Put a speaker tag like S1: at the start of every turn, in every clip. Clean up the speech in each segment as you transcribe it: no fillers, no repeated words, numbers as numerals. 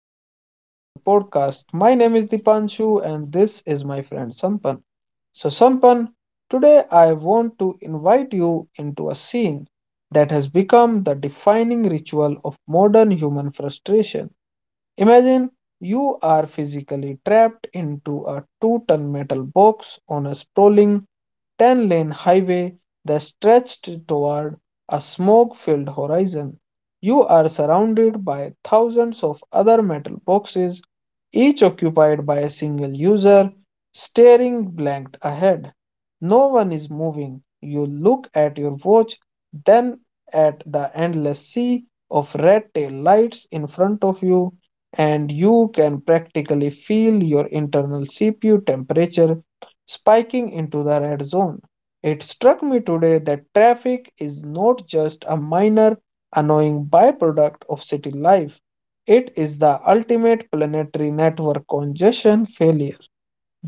S1: welcome to another podcast. My name is Dipanshu, and this is my friend Sampan. So, Sampan, today I want to invite you into a scene that has become the defining ritual of modern human frustration. Imagine you are physically trapped into a two-ton metal box on a sprawling 10-lane highway that stretched toward a smoke filled horizon. You are surrounded by thousands of other metal boxes, each occupied by a single user, staring blank ahead. No one is moving. You look at your watch, then at the endless sea of red tail lights in front of you, and you can practically feel your internal CPU temperature spiking into the red zone. It struck me today that traffic is not just a minor annoying byproduct of city life, it is the ultimate planetary network congestion failure.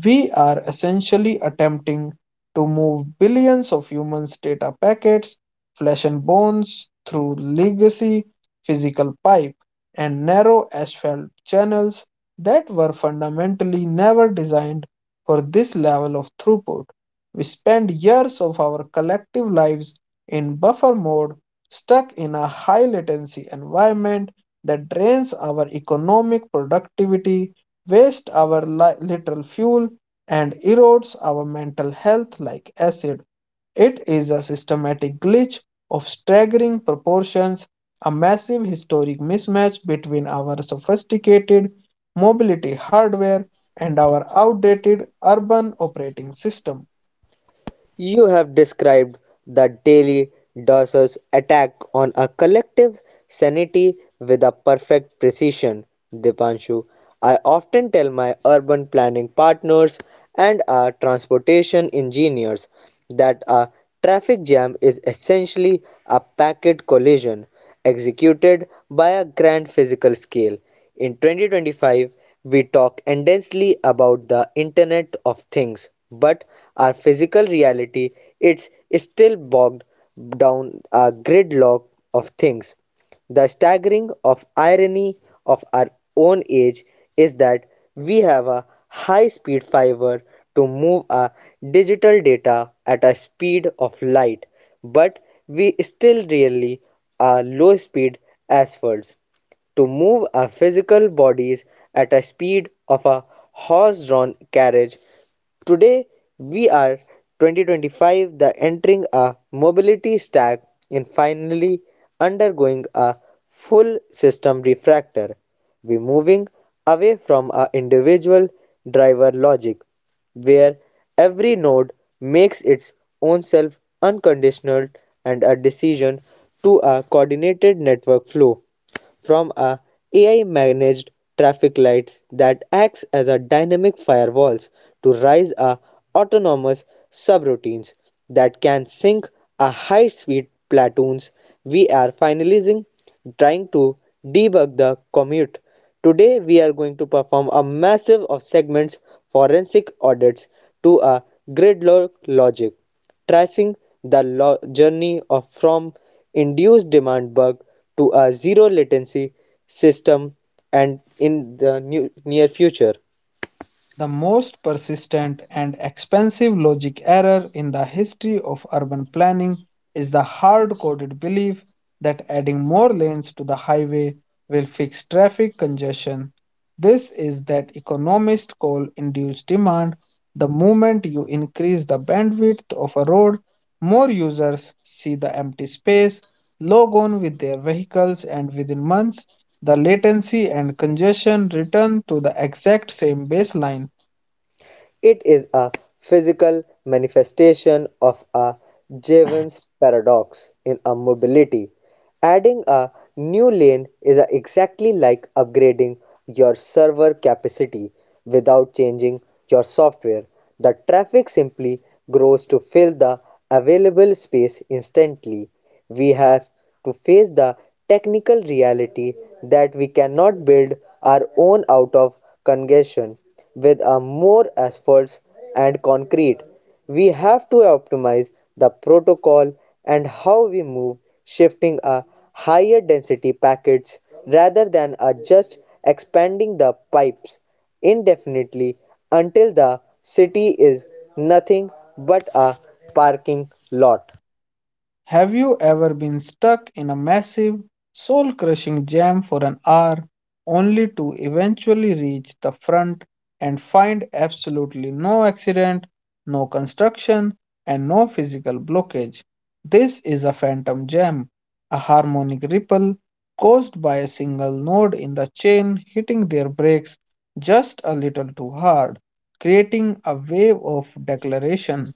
S1: We are essentially attempting to move billions of humans' data packets, flesh and bones, through legacy physical pipe and narrow asphalt channels that were fundamentally never designed for this level of throughput. We spend years of our collective lives in buffer mode, stuck in a high latency environment that drains our economic productivity wastes our literal fuel, and erodes our mental health like acid. It is a systematic glitch of staggering proportions, a massive historic mismatch between our sophisticated mobility hardware and our outdated urban operating system.
S2: You have described the daily dosage attack on a collective sanity with a perfect precision, Dipanshu. I often tell my urban planning partners and our transportation engineers that a traffic jam is essentially a packet collision executed by a grand physical scale. In 2025, we talk endlessly about the Internet of Things, but our physical reality it's still bogged down a gridlock of things. The staggering of irony of our own age is that we have a high-speed fiber to move our digital data at a speed of light, but we still really are low-speed as birds to move our physical bodies at a speed of a horse-drawn carriage. Today we are 2025 the entering a mobility stack and finally undergoing a full system refractor. We moving away from our individual driver logic where every node makes its own self unconditional and a decision to a coordinated network flow, from a AI-managed traffic lights that acts as a dynamic firewalls to rise a autonomous subroutines that can sync a high-speed platoons. We are finalizing trying to debug the commute. Today we are going to perform a massive of segments forensic audits to a gridlock logic, tracing the journey of from induced demand bug to a zero latency system and in the new near future.
S1: The most persistent and expensive logic error in the history of urban planning is the hard coded belief that adding more lanes to the highway will fix traffic congestion. This is that economists call induced demand. The moment you increase the bandwidth of a road, more users see the empty space, log on with their vehicles, and within months, the latency and congestion return to the exact same baseline.
S2: It is a physical manifestation of a Jevons paradox in a mobility. Adding a new lane is exactly like upgrading your server capacity without changing your software. The traffic simply grows to fill the available space instantly. We have to face the technical reality that we cannot build our own out of congestion with a more asphalt and concrete. We have to optimize the protocol and how we move, shifting a higher density packets rather than a just expanding the pipes indefinitely until the city is nothing but a parking lot.
S1: Have you ever been stuck in a massive, soul crushing jam for an hour only to eventually reach the front and find absolutely no accident, no construction, and no physical blockage? This is a phantom jam, a harmonic ripple caused by a single node in the chain hitting their brakes just a little too hard, creating a wave of declaration.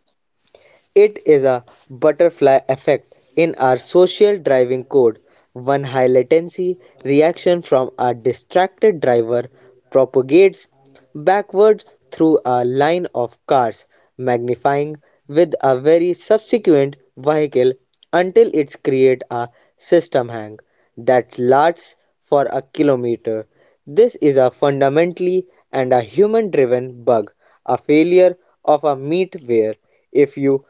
S2: It is a butterfly effect in our social driving code. One high latency reaction from a distracted driver propagates backwards through a line of cars, magnifying with a very subsequent vehicle until it creates a system hang that lasts for a kilometer. This is a fundamentally and a human driven bug, a failure of a meat. If you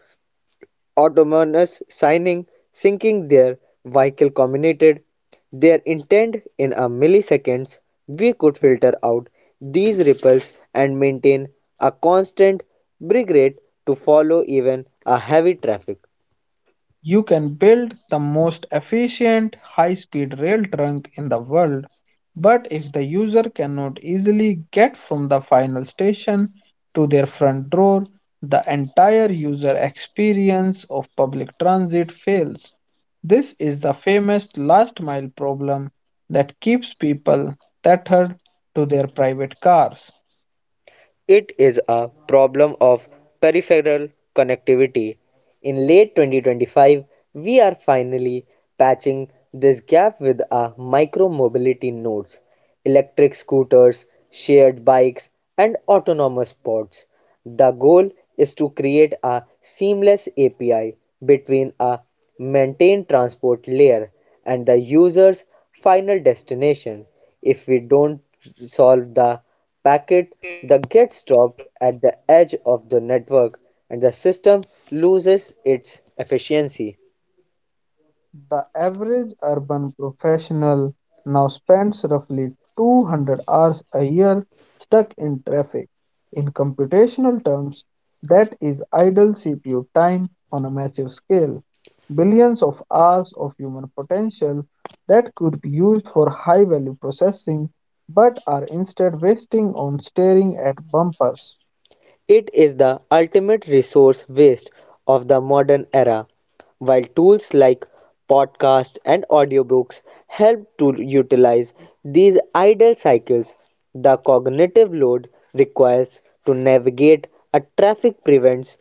S2: autonomous signing syncing their vehicle communicated their intent in a milliseconds, we could filter out these ripples and maintain a constant brake rate to follow even a heavy traffic.
S1: You can build the most efficient high speed rail trunk in the world, but if the user cannot easily get from the final station to their front door, the entire user experience of public transit fails. This is the famous last mile problem that keeps people tethered to their private cars.
S2: It is a problem of peripheral connectivity. In late 2025, we are finally patching this gap with our micromobility nodes, electric scooters, shared bikes, and autonomous pods. The goal is to create a seamless API between a maintained transport layer and the user's final destination. If we don't solve the packet that gets dropped at the edge of the network, and the system loses its efficiency.
S1: The average urban professional now spends roughly 200 hours a year stuck in traffic. In computational terms, that is idle CPU time on a massive scale. Billions of hours of human potential that could be used for high value processing but are instead wasting on staring at bumpers.
S2: It is the ultimate resource waste of the modern era. While tools like podcasts and audiobooks help to utilize these idle cycles, the cognitive load requires to navigate a traffic prevents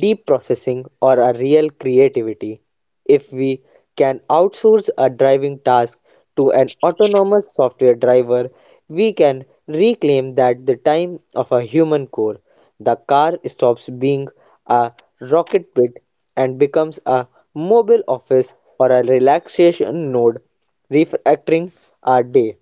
S2: deep processing or a real creativity. If we can outsource a driving task to an autonomous software driver, we can reclaim that the time of a human core. The car stops being a rocket pit and becomes a mobile office or a relaxation node, refactoring our day.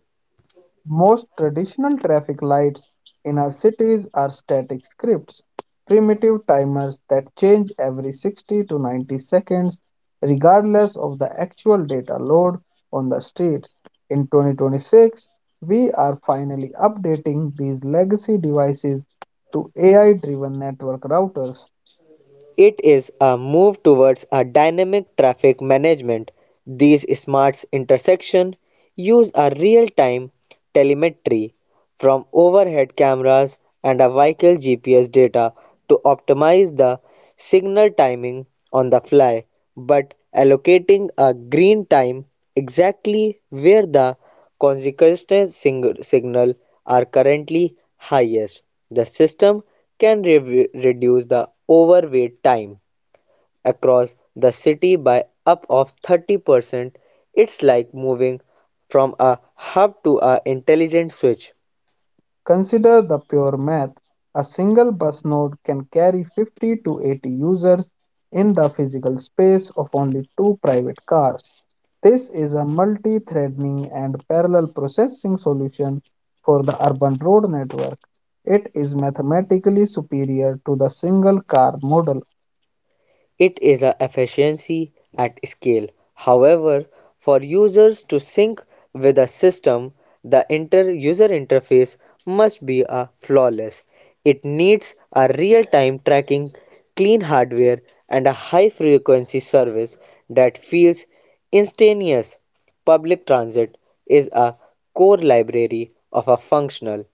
S1: Most traditional traffic lights in our cities are static scripts, primitive timers that change every 60 to 90 seconds, regardless of the actual data load on the streets. In 2026, we are finally updating these legacy devices to AI driven network routers.
S2: It is a move towards a dynamic traffic management. These smart intersection use a real-time telemetry from overhead cameras and a vehicle GPS data to optimize the signal timing on the fly, but allocating a green time exactly where the Consequences signal are currently highest. The system can reduce the overweight time across the city by up of 30%. It's like moving from a hub to a intelligent switch.
S1: Consider the pure math. A single bus node can carry 50 to 80 users in the physical space of only two private cars. This is a multi-threading and parallel processing solution for the urban road network. It is mathematically superior to the single car model.
S2: It is a efficiency at scale. However, for users to sync with a system, the inter user interface must be a flawless. It needs a real-time tracking, clean hardware, and a high-frequency service that feels instantaneous. Public transit is a core library of a functional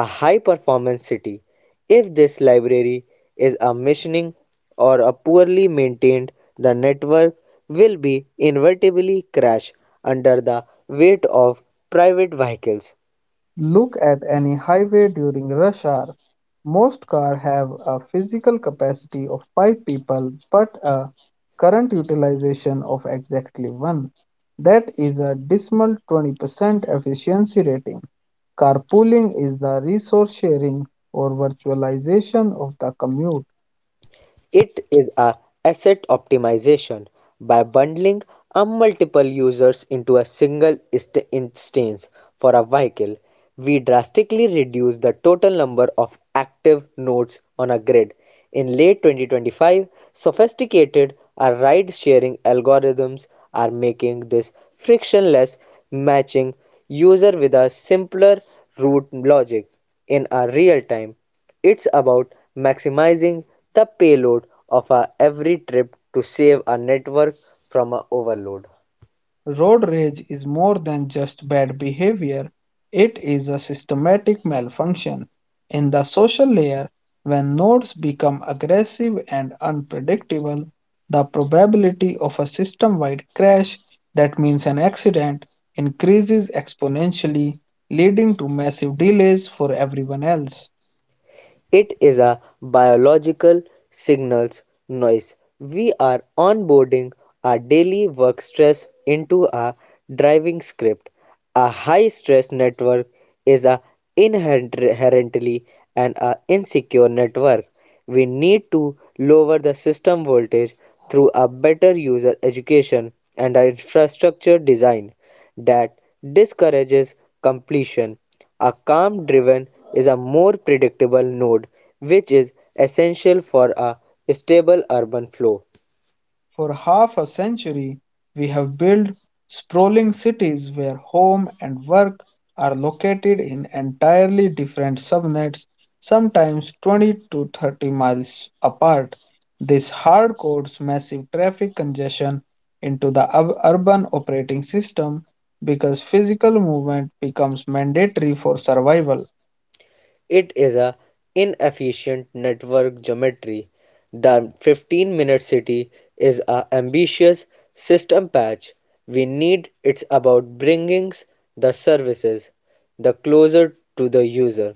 S2: a high performance city. If this library is a missioning or a poorly maintained, the network will be inevitably crash under the weight of private vehicles.
S1: Look at any highway during rush hour. Most cars have a physical capacity of five people, but a current utilization of exactly one. That is a dismal 20% efficiency rating. Carpooling is the resource sharing or virtualization of the commute.
S2: It is a asset optimization by bundling a multiple users into a single instance for a vehicle. We drastically reduce the total number of active nodes on a grid. In late 2025, sophisticated ride-sharing algorithms are making this frictionless, matching user with a simpler route logic in a real time. It's about maximizing the payload of a every trip to save a network from a overload.
S1: Road rage is more than just bad behavior, it is a systematic malfunction in the social layer. When nodes become aggressive and unpredictable, the probability of a system wide crash, that means an accident, increases exponentially, leading to massive delays for everyone else.
S2: It is a biological signals noise. We are onboarding our daily work stress into our driving script. A high stress network is a inherently and an a insecure network. We need to lower the system voltage through a better user education and a infrastructure design that discourages completion. A calm driven is a more predictable node which is essential for a stable urban flow.
S1: For half a century, we have built sprawling cities where home and work are located in entirely different subnets, sometimes 20 to 30 miles apart. This hard codes massive traffic congestion into the urban operating system because physical movement becomes mandatory for survival.
S2: It is a inefficient network geometry. The 15-minute city is a ambitious system patch. We need it's about bringing the services the closer to the user.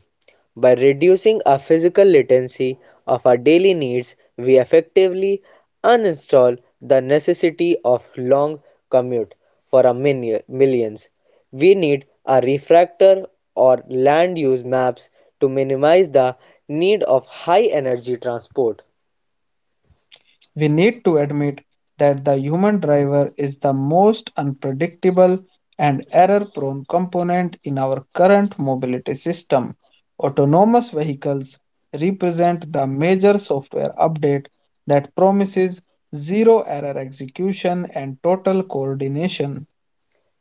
S2: By reducing our physical latency of our daily needs, we effectively uninstall the necessity of long commute for our millions. We need a refractor or land use maps to minimize the need of high energy transport.
S1: We need to admit that the human driver is the most unpredictable and error prone component in our current mobility system. Autonomous vehicles represent the major software update that promises zero error execution and total coordination.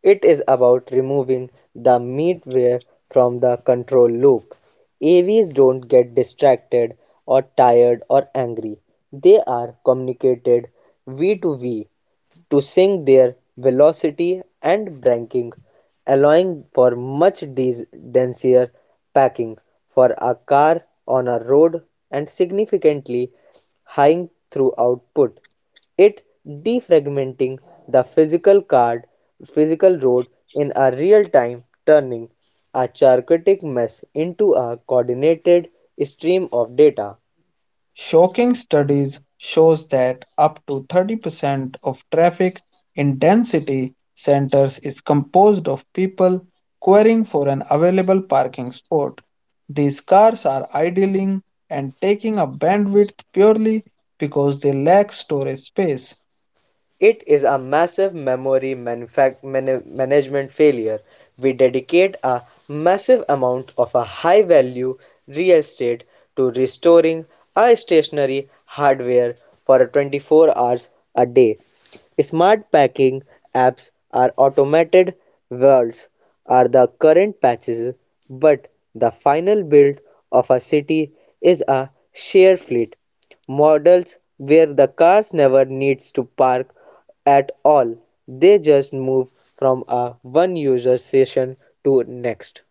S2: It is about removing the middleware from the control loop. AVs don't get distracted or tired or angry. They are communicated v to v to sync their velocity and braking, allowing for much denser packing for a car on a road and significantly high through output. It defragmenting the physical road in a real time, turning a chaotic mess into a coordinated stream of data.
S1: Shocking studies shows that up to 30% of traffic in density centers is composed of people querying for an available parking spot. These cars are idling and taking up bandwidth purely because they lack storage space.
S2: It is a massive memory management failure. We dedicate a massive amount of a high value real estate to restoring a stationary hardware for 24 hours a day. Smart packing apps are automated worlds, are the current patches, but the final build of a city is a share fleet models where the cars never needs to park at all. They just move from a one user session to next.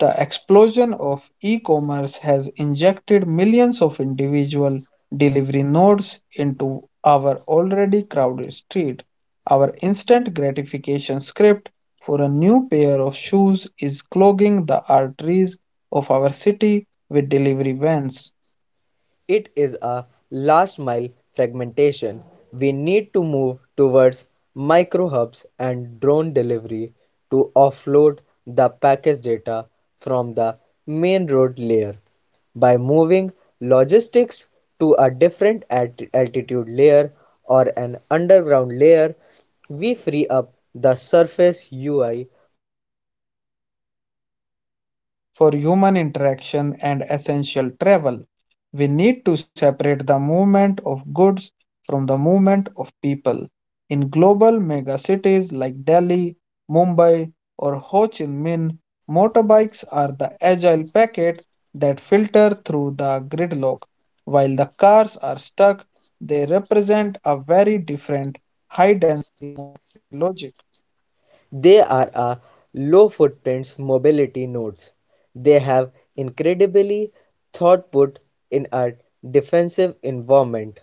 S1: The explosion of e-commerce has injected millions of individual delivery nodes into our already crowded street. Our instant gratification script for a new pair of shoes is clogging the arteries of our city with delivery vans.
S2: It is a last mile fragmentation. We need to move towards micro hubs and drone delivery to offload the package data from the main road layer. By moving logistics to a different altitude layer or an underground layer, we free up the surface UI for a human interaction and a essential
S1: For human
S2: travel.
S1: interaction
S2: We
S1: and
S2: need to
S1: essential travel. We need to separate the movement of goods from the movement of people. In global megacities like Delhi, Mumbai, or Ho Chi Minh, motorbikes are the agile packet that filter through the gridlock. While the cars are stuck, they represent a very different high density logic.
S2: They are a low footprint mobility nodes. They have incredibly throughput in a defensive environment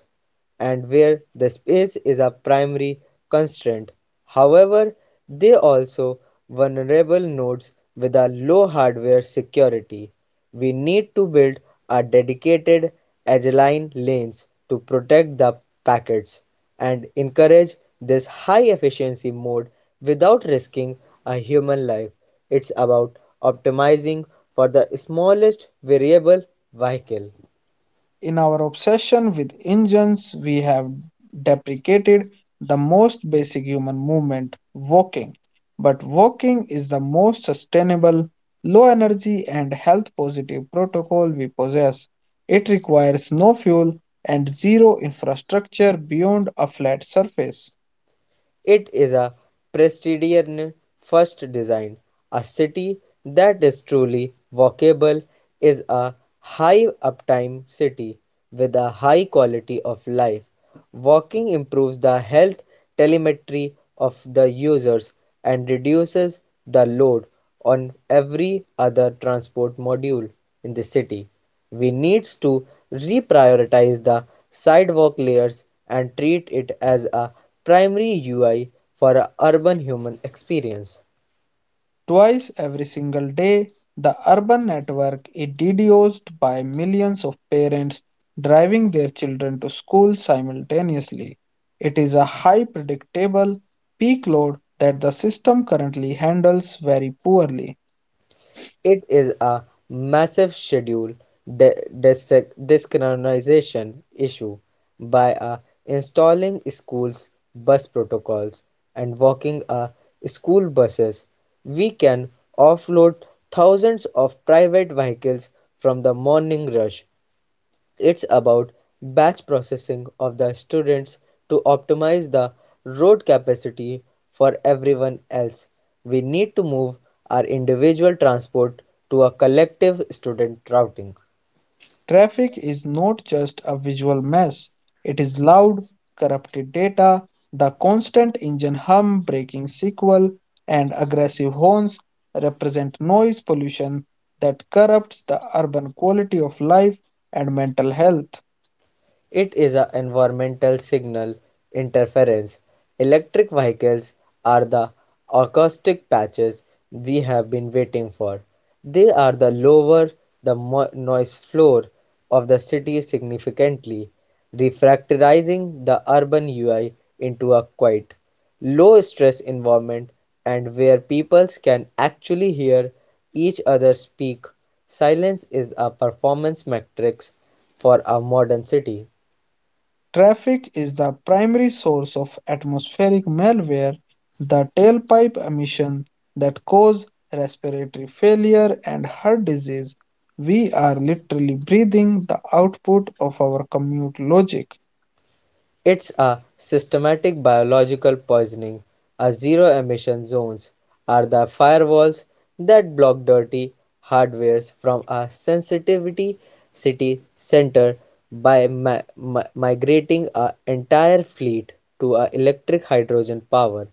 S2: and where the space is a primary constraint. However, they also vulnerable nodes with a low hardware security. We need to build a dedicated agile lanes to protect the packets and encourage this high efficiency mode without risking a human life. It's about optimizing for the smallest variable vehicle.
S1: In our obsession with engines, we have deprecated the most basic human movement, walking. But walking is the most sustainable, low energy, and health positive protocol we possess. It requires no fuel and zero infrastructure beyond a flat surface.
S2: It is a Presidian first design. A city that is truly walkable is a high uptime city with a high quality of life. Walking improves the health telemetry of the users and reduces the load on every other transport module in the city. We needs to reprioritize the sidewalk layers and treat it as a primary UI for a urban human experience.
S1: Twice every single day, the urban network is deduced by millions of parents driving their children to school simultaneously. It is a high predictable peak load that the system currently handles very poorly.
S2: It is a massive schedule desynchronization issue. By a installing schools bus protocols and walking a school buses, we can offload thousands of private vehicles from the morning rush. It's about batch processing of the students to optimize the road capacity for everyone else. We need to move our individual transport to a collective student routing.
S1: Traffic is not just a visual mess, it is loud, corrupted data, the constant engine hum, braking sequel, and aggressive horns represent noise pollution that corrupts the urban quality of life and mental health.
S2: It is an environmental signal interference. Electric vehicles are the acoustic patches we have been waiting for. They are the lower the noise floor of the city significantly, refractorizing the urban UI into a quiet, low stress environment and where people can actually hear each other speak. Silence is a performance matrix for a modern city.
S1: Traffic is the primary source of atmospheric malware, the tailpipe emission that cause respiratory failure and heart disease. We are literally breathing the output of our commute logic.
S2: It's a systematic biological poisoning. Our zero emission zones are the firewalls that block dirty hardwares from a sensitivity city center by migrating an entire fleet to our electric hydrogen power.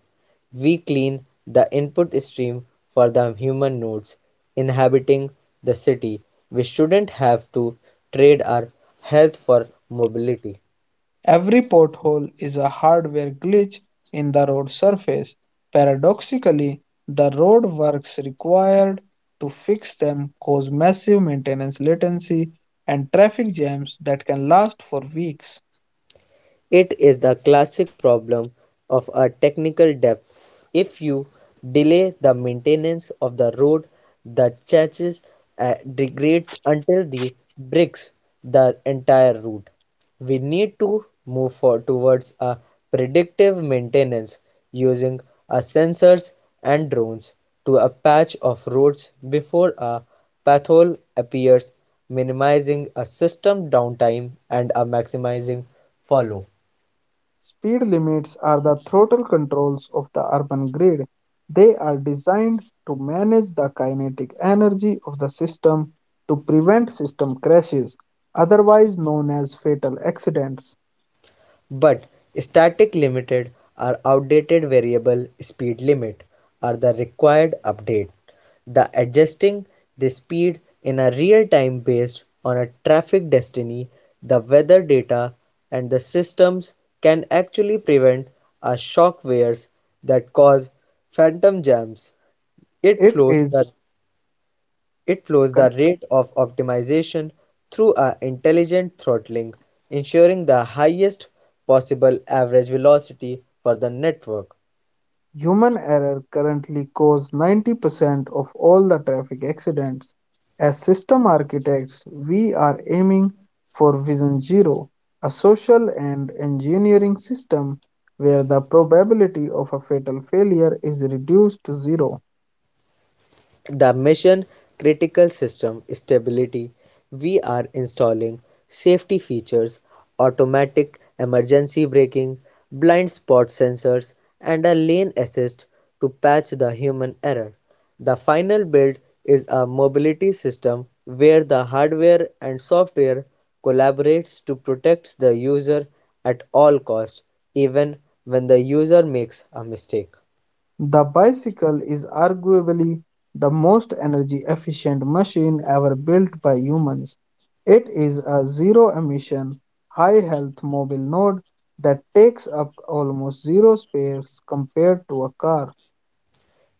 S2: We clean the input stream for the human nodes inhabiting the city. We shouldn't have to trade our health for mobility.
S1: Every pothole is a hardware glitch in the road surface. Paradoxically, the road works required to fix them cause massive maintenance latency and traffic jams that can last for weeks.
S2: It is the classic problem of a technical debt. If you delay the maintenance of the road, the chassis degrades until the bricks the entire route. We need to move for towards a predictive maintenance using a sensors and drones to a patch of roads before a pothole appears, minimizing a system downtime and a maximizing follow.
S1: Speed limits are the throttle controls of the urban grid. They are designed to manage the kinetic energy of the system to prevent system crashes, otherwise known as fatal accidents.
S2: But static limited or outdated variable speed limit are the required update. The adjusting the speed in a real time based on a traffic destiny, the weather data and the systems can actually prevent a shock waves that cause phantom jams. It
S1: It
S2: flows
S1: is
S2: the it flows the rate of optimization through a intelligent throttling, ensuring the highest possible average velocity for the network.
S1: Human error currently causes 90% of all the traffic accidents. As system architects, we are aiming for Vision Zero, a social and engineering system where the probability of a fatal failure is reduced to zero.
S2: The mission critical system stability, we are installing safety features: automatic emergency braking, blind spot sensors, and a lane assist to patch the human error. The final build is a mobility system where the hardware and software collaborates to protect the user at all costs, even when the user makes a mistake.
S1: The bicycle is arguably the most energy efficient machine ever built by humans. It is a zero emission, high health mobile node that takes up almost zero space compared to a car.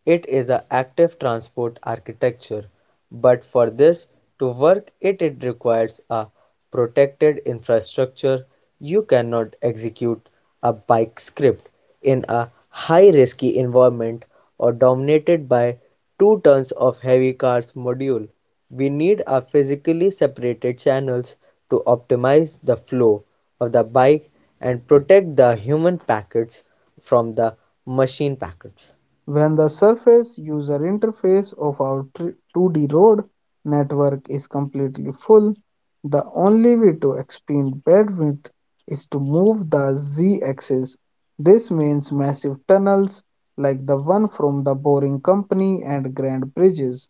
S2: It is an active transport architecture, but for this to work, it requires a protected infrastructure. You cannot execute a bike script in a high risky environment or dominated by two tons of heavy cars module. We need a physically separated channels to optimize the flow of the bike and protect the human packets from the machine packets.
S1: When the surface user interface of our 2D road network is completely full, the only way to expand bandwidth is to move the z axis. This means massive tunnels like the one from the Boring Company and Grand Bridges.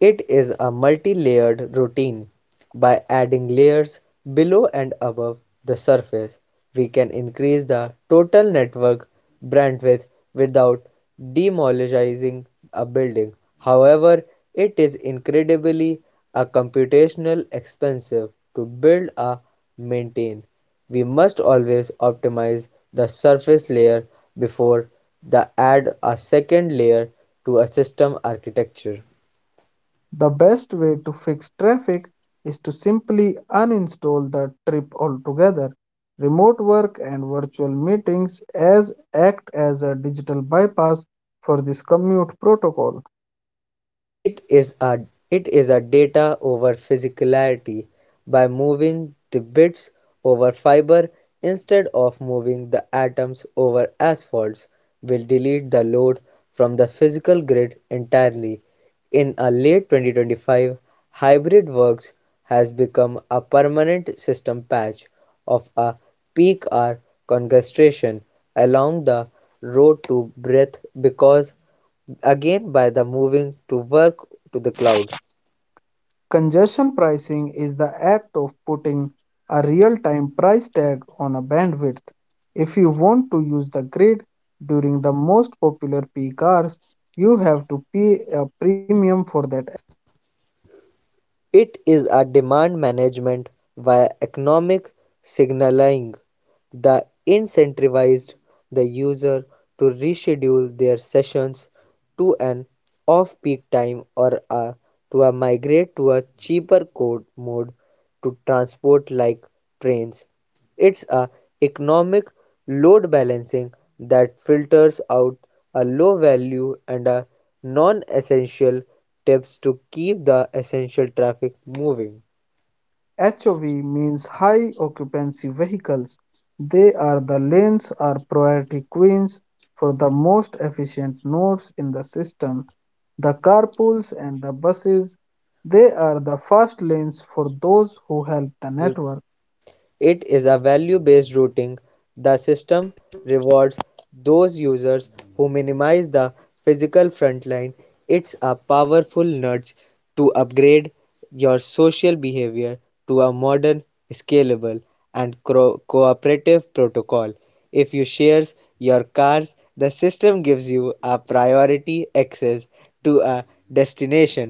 S2: It is a multi-layered routine. By adding layers below and above the surface, we can increase the total network bandwidth without demolishing a building. However, it is incredibly a computational expensive to build a maintain. We must always optimize the surface layer before the add a second layer to a system architecture.
S1: The best way to fix traffic is to simply uninstall the trip altogether. Remote work and virtual meetings as act as a digital bypass for this commute protocol.
S2: It is a it is a data over physicality. By moving the bits over fiber instead of moving the atoms over asphalts, will delete the load from the physical grid entirely. In a late 2025, hybrid works has become a permanent system patch of a peak hour concentration along the road to breath, because again by the moving to work to the cloud.
S1: Congestion pricing is the act of putting a real-time price tag on a bandwidth. If you want to use the grid during the most popular peak hours, you have to pay a premium for that.
S2: It is a demand management via economic signaling that incentivized the user to reschedule their sessions to an off-peak time or a, to a migrate to a cheaper code mode to transport like trains. It's a economic load balancing that filters out a low value and a non-essential tips to keep the essential traffic moving.
S1: HOV means high occupancy vehicles. They are the lanes or priority queues for the most efficient nodes in the system. The carpools and the buses, they are the fast lanes for those who help the network.
S2: It is a value-based routing; the system rewards those users who minimize the physical frontline. It's a powerful nudge to upgrade your social behavior to a modern, scalable, and cooperative protocol. If you share your cars, the system gives you a priority access to a destination.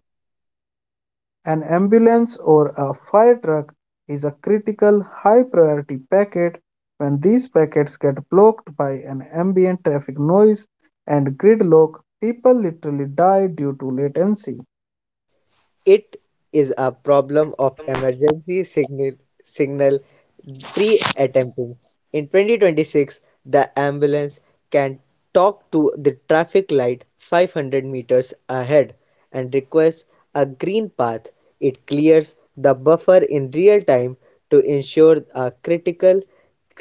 S1: An ambulance or a fire truck is a critical high priority packet. When these packets get blocked by an ambient traffic noise and gridlock, people literally die due to latency.
S2: It is a problem of emergency signal, pre-attempting. In 2026, the ambulance can talk to the traffic light 500 meters ahead and request a green path. It clears the buffer in real time to ensure a critical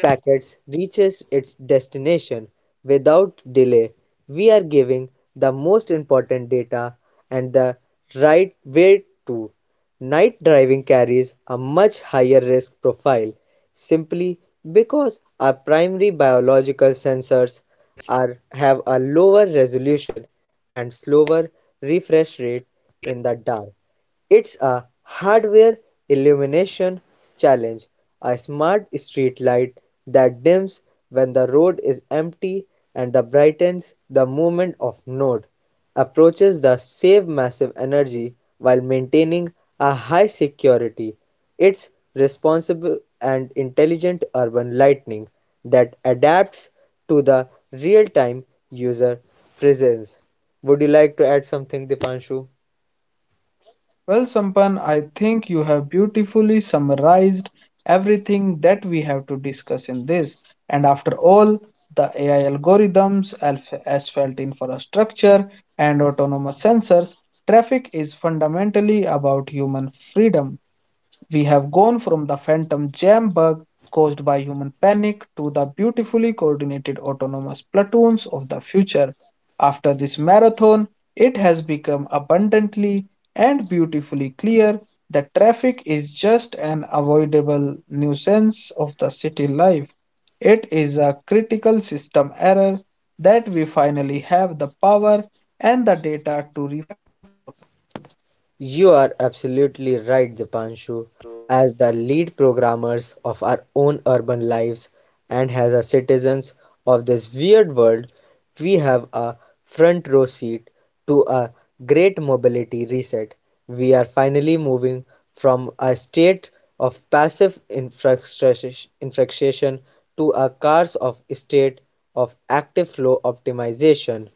S2: packets reaches its destination without delay. We are giving the most important data and the right way to. Night driving carries a much higher risk profile, simply because our primary biological sensors are have a lower resolution and slower refresh rate in the dark. It's a hardware illumination challenge, a smart street light that dims when the road is empty and that brightens the moment of node approaches the save massive energy while maintaining a high security. It's responsible and intelligent urban lighting that adapts to the real-time user presence. Would you like to add something, Dipanshu?
S1: Well, Sampan, I think you have beautifully summarized everything that we have to discuss in this. And after all, the AI algorithms, asphalt infrastructure, and autonomous sensors, traffic is fundamentally about human freedom. We have gone from the phantom jam bug caused by human panic to the beautifully coordinated autonomous platoons of the future. After this marathon, it has become abundantly and beautifully clear that traffic is just an avoidable nuisance of the city life. It is a critical system error that we finally have the power and the data to
S2: You are absolutely right, Dipanshu. As the lead programmers of our own urban lives and as the citizens of this weird world, we have a front row seat to a great mobility reset. We are finally moving from a state of passive infrastructure- infraction to a cars of state of active flow optimization.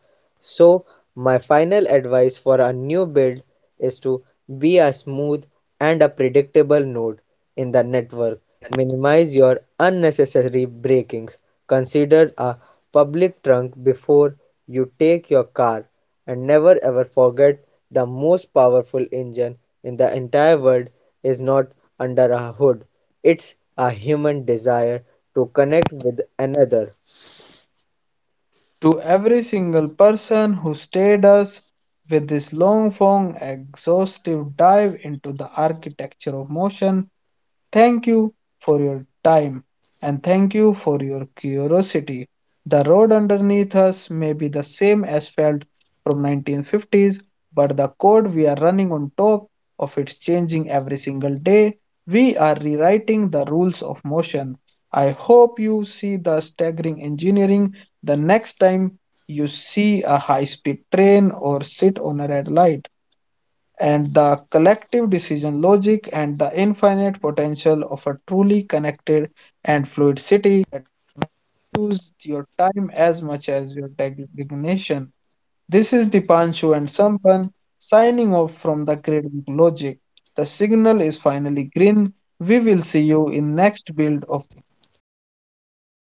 S2: So my final advice for a new build is to be a smooth and a predictable node in the network. Minimize your unnecessary breakings. Consider a public trunk before you take your car, and never ever forget the most powerful engine in the entire world is not under a hood. It's a human desire to connect with another.
S1: to every single person who stayed us with this long form exhaustive dive into the architecture of motion. Thank you for your time and thank you for your curiosity. The road underneath us may be the same as felt from 1950s, but the code we are running on top of it's changing every single day. We are rewriting the rules of motion. I hope you see the staggering engineering the next time you see a high speed train or sit on a red light and the collective decision logic and the infinite potential of a truly connected and fluid city. Use your time as much as your designation. This is Dipanshu and Sampan signing off from the Great Book Logic. The signal is finally green. We will see you in next build of
S2: Stay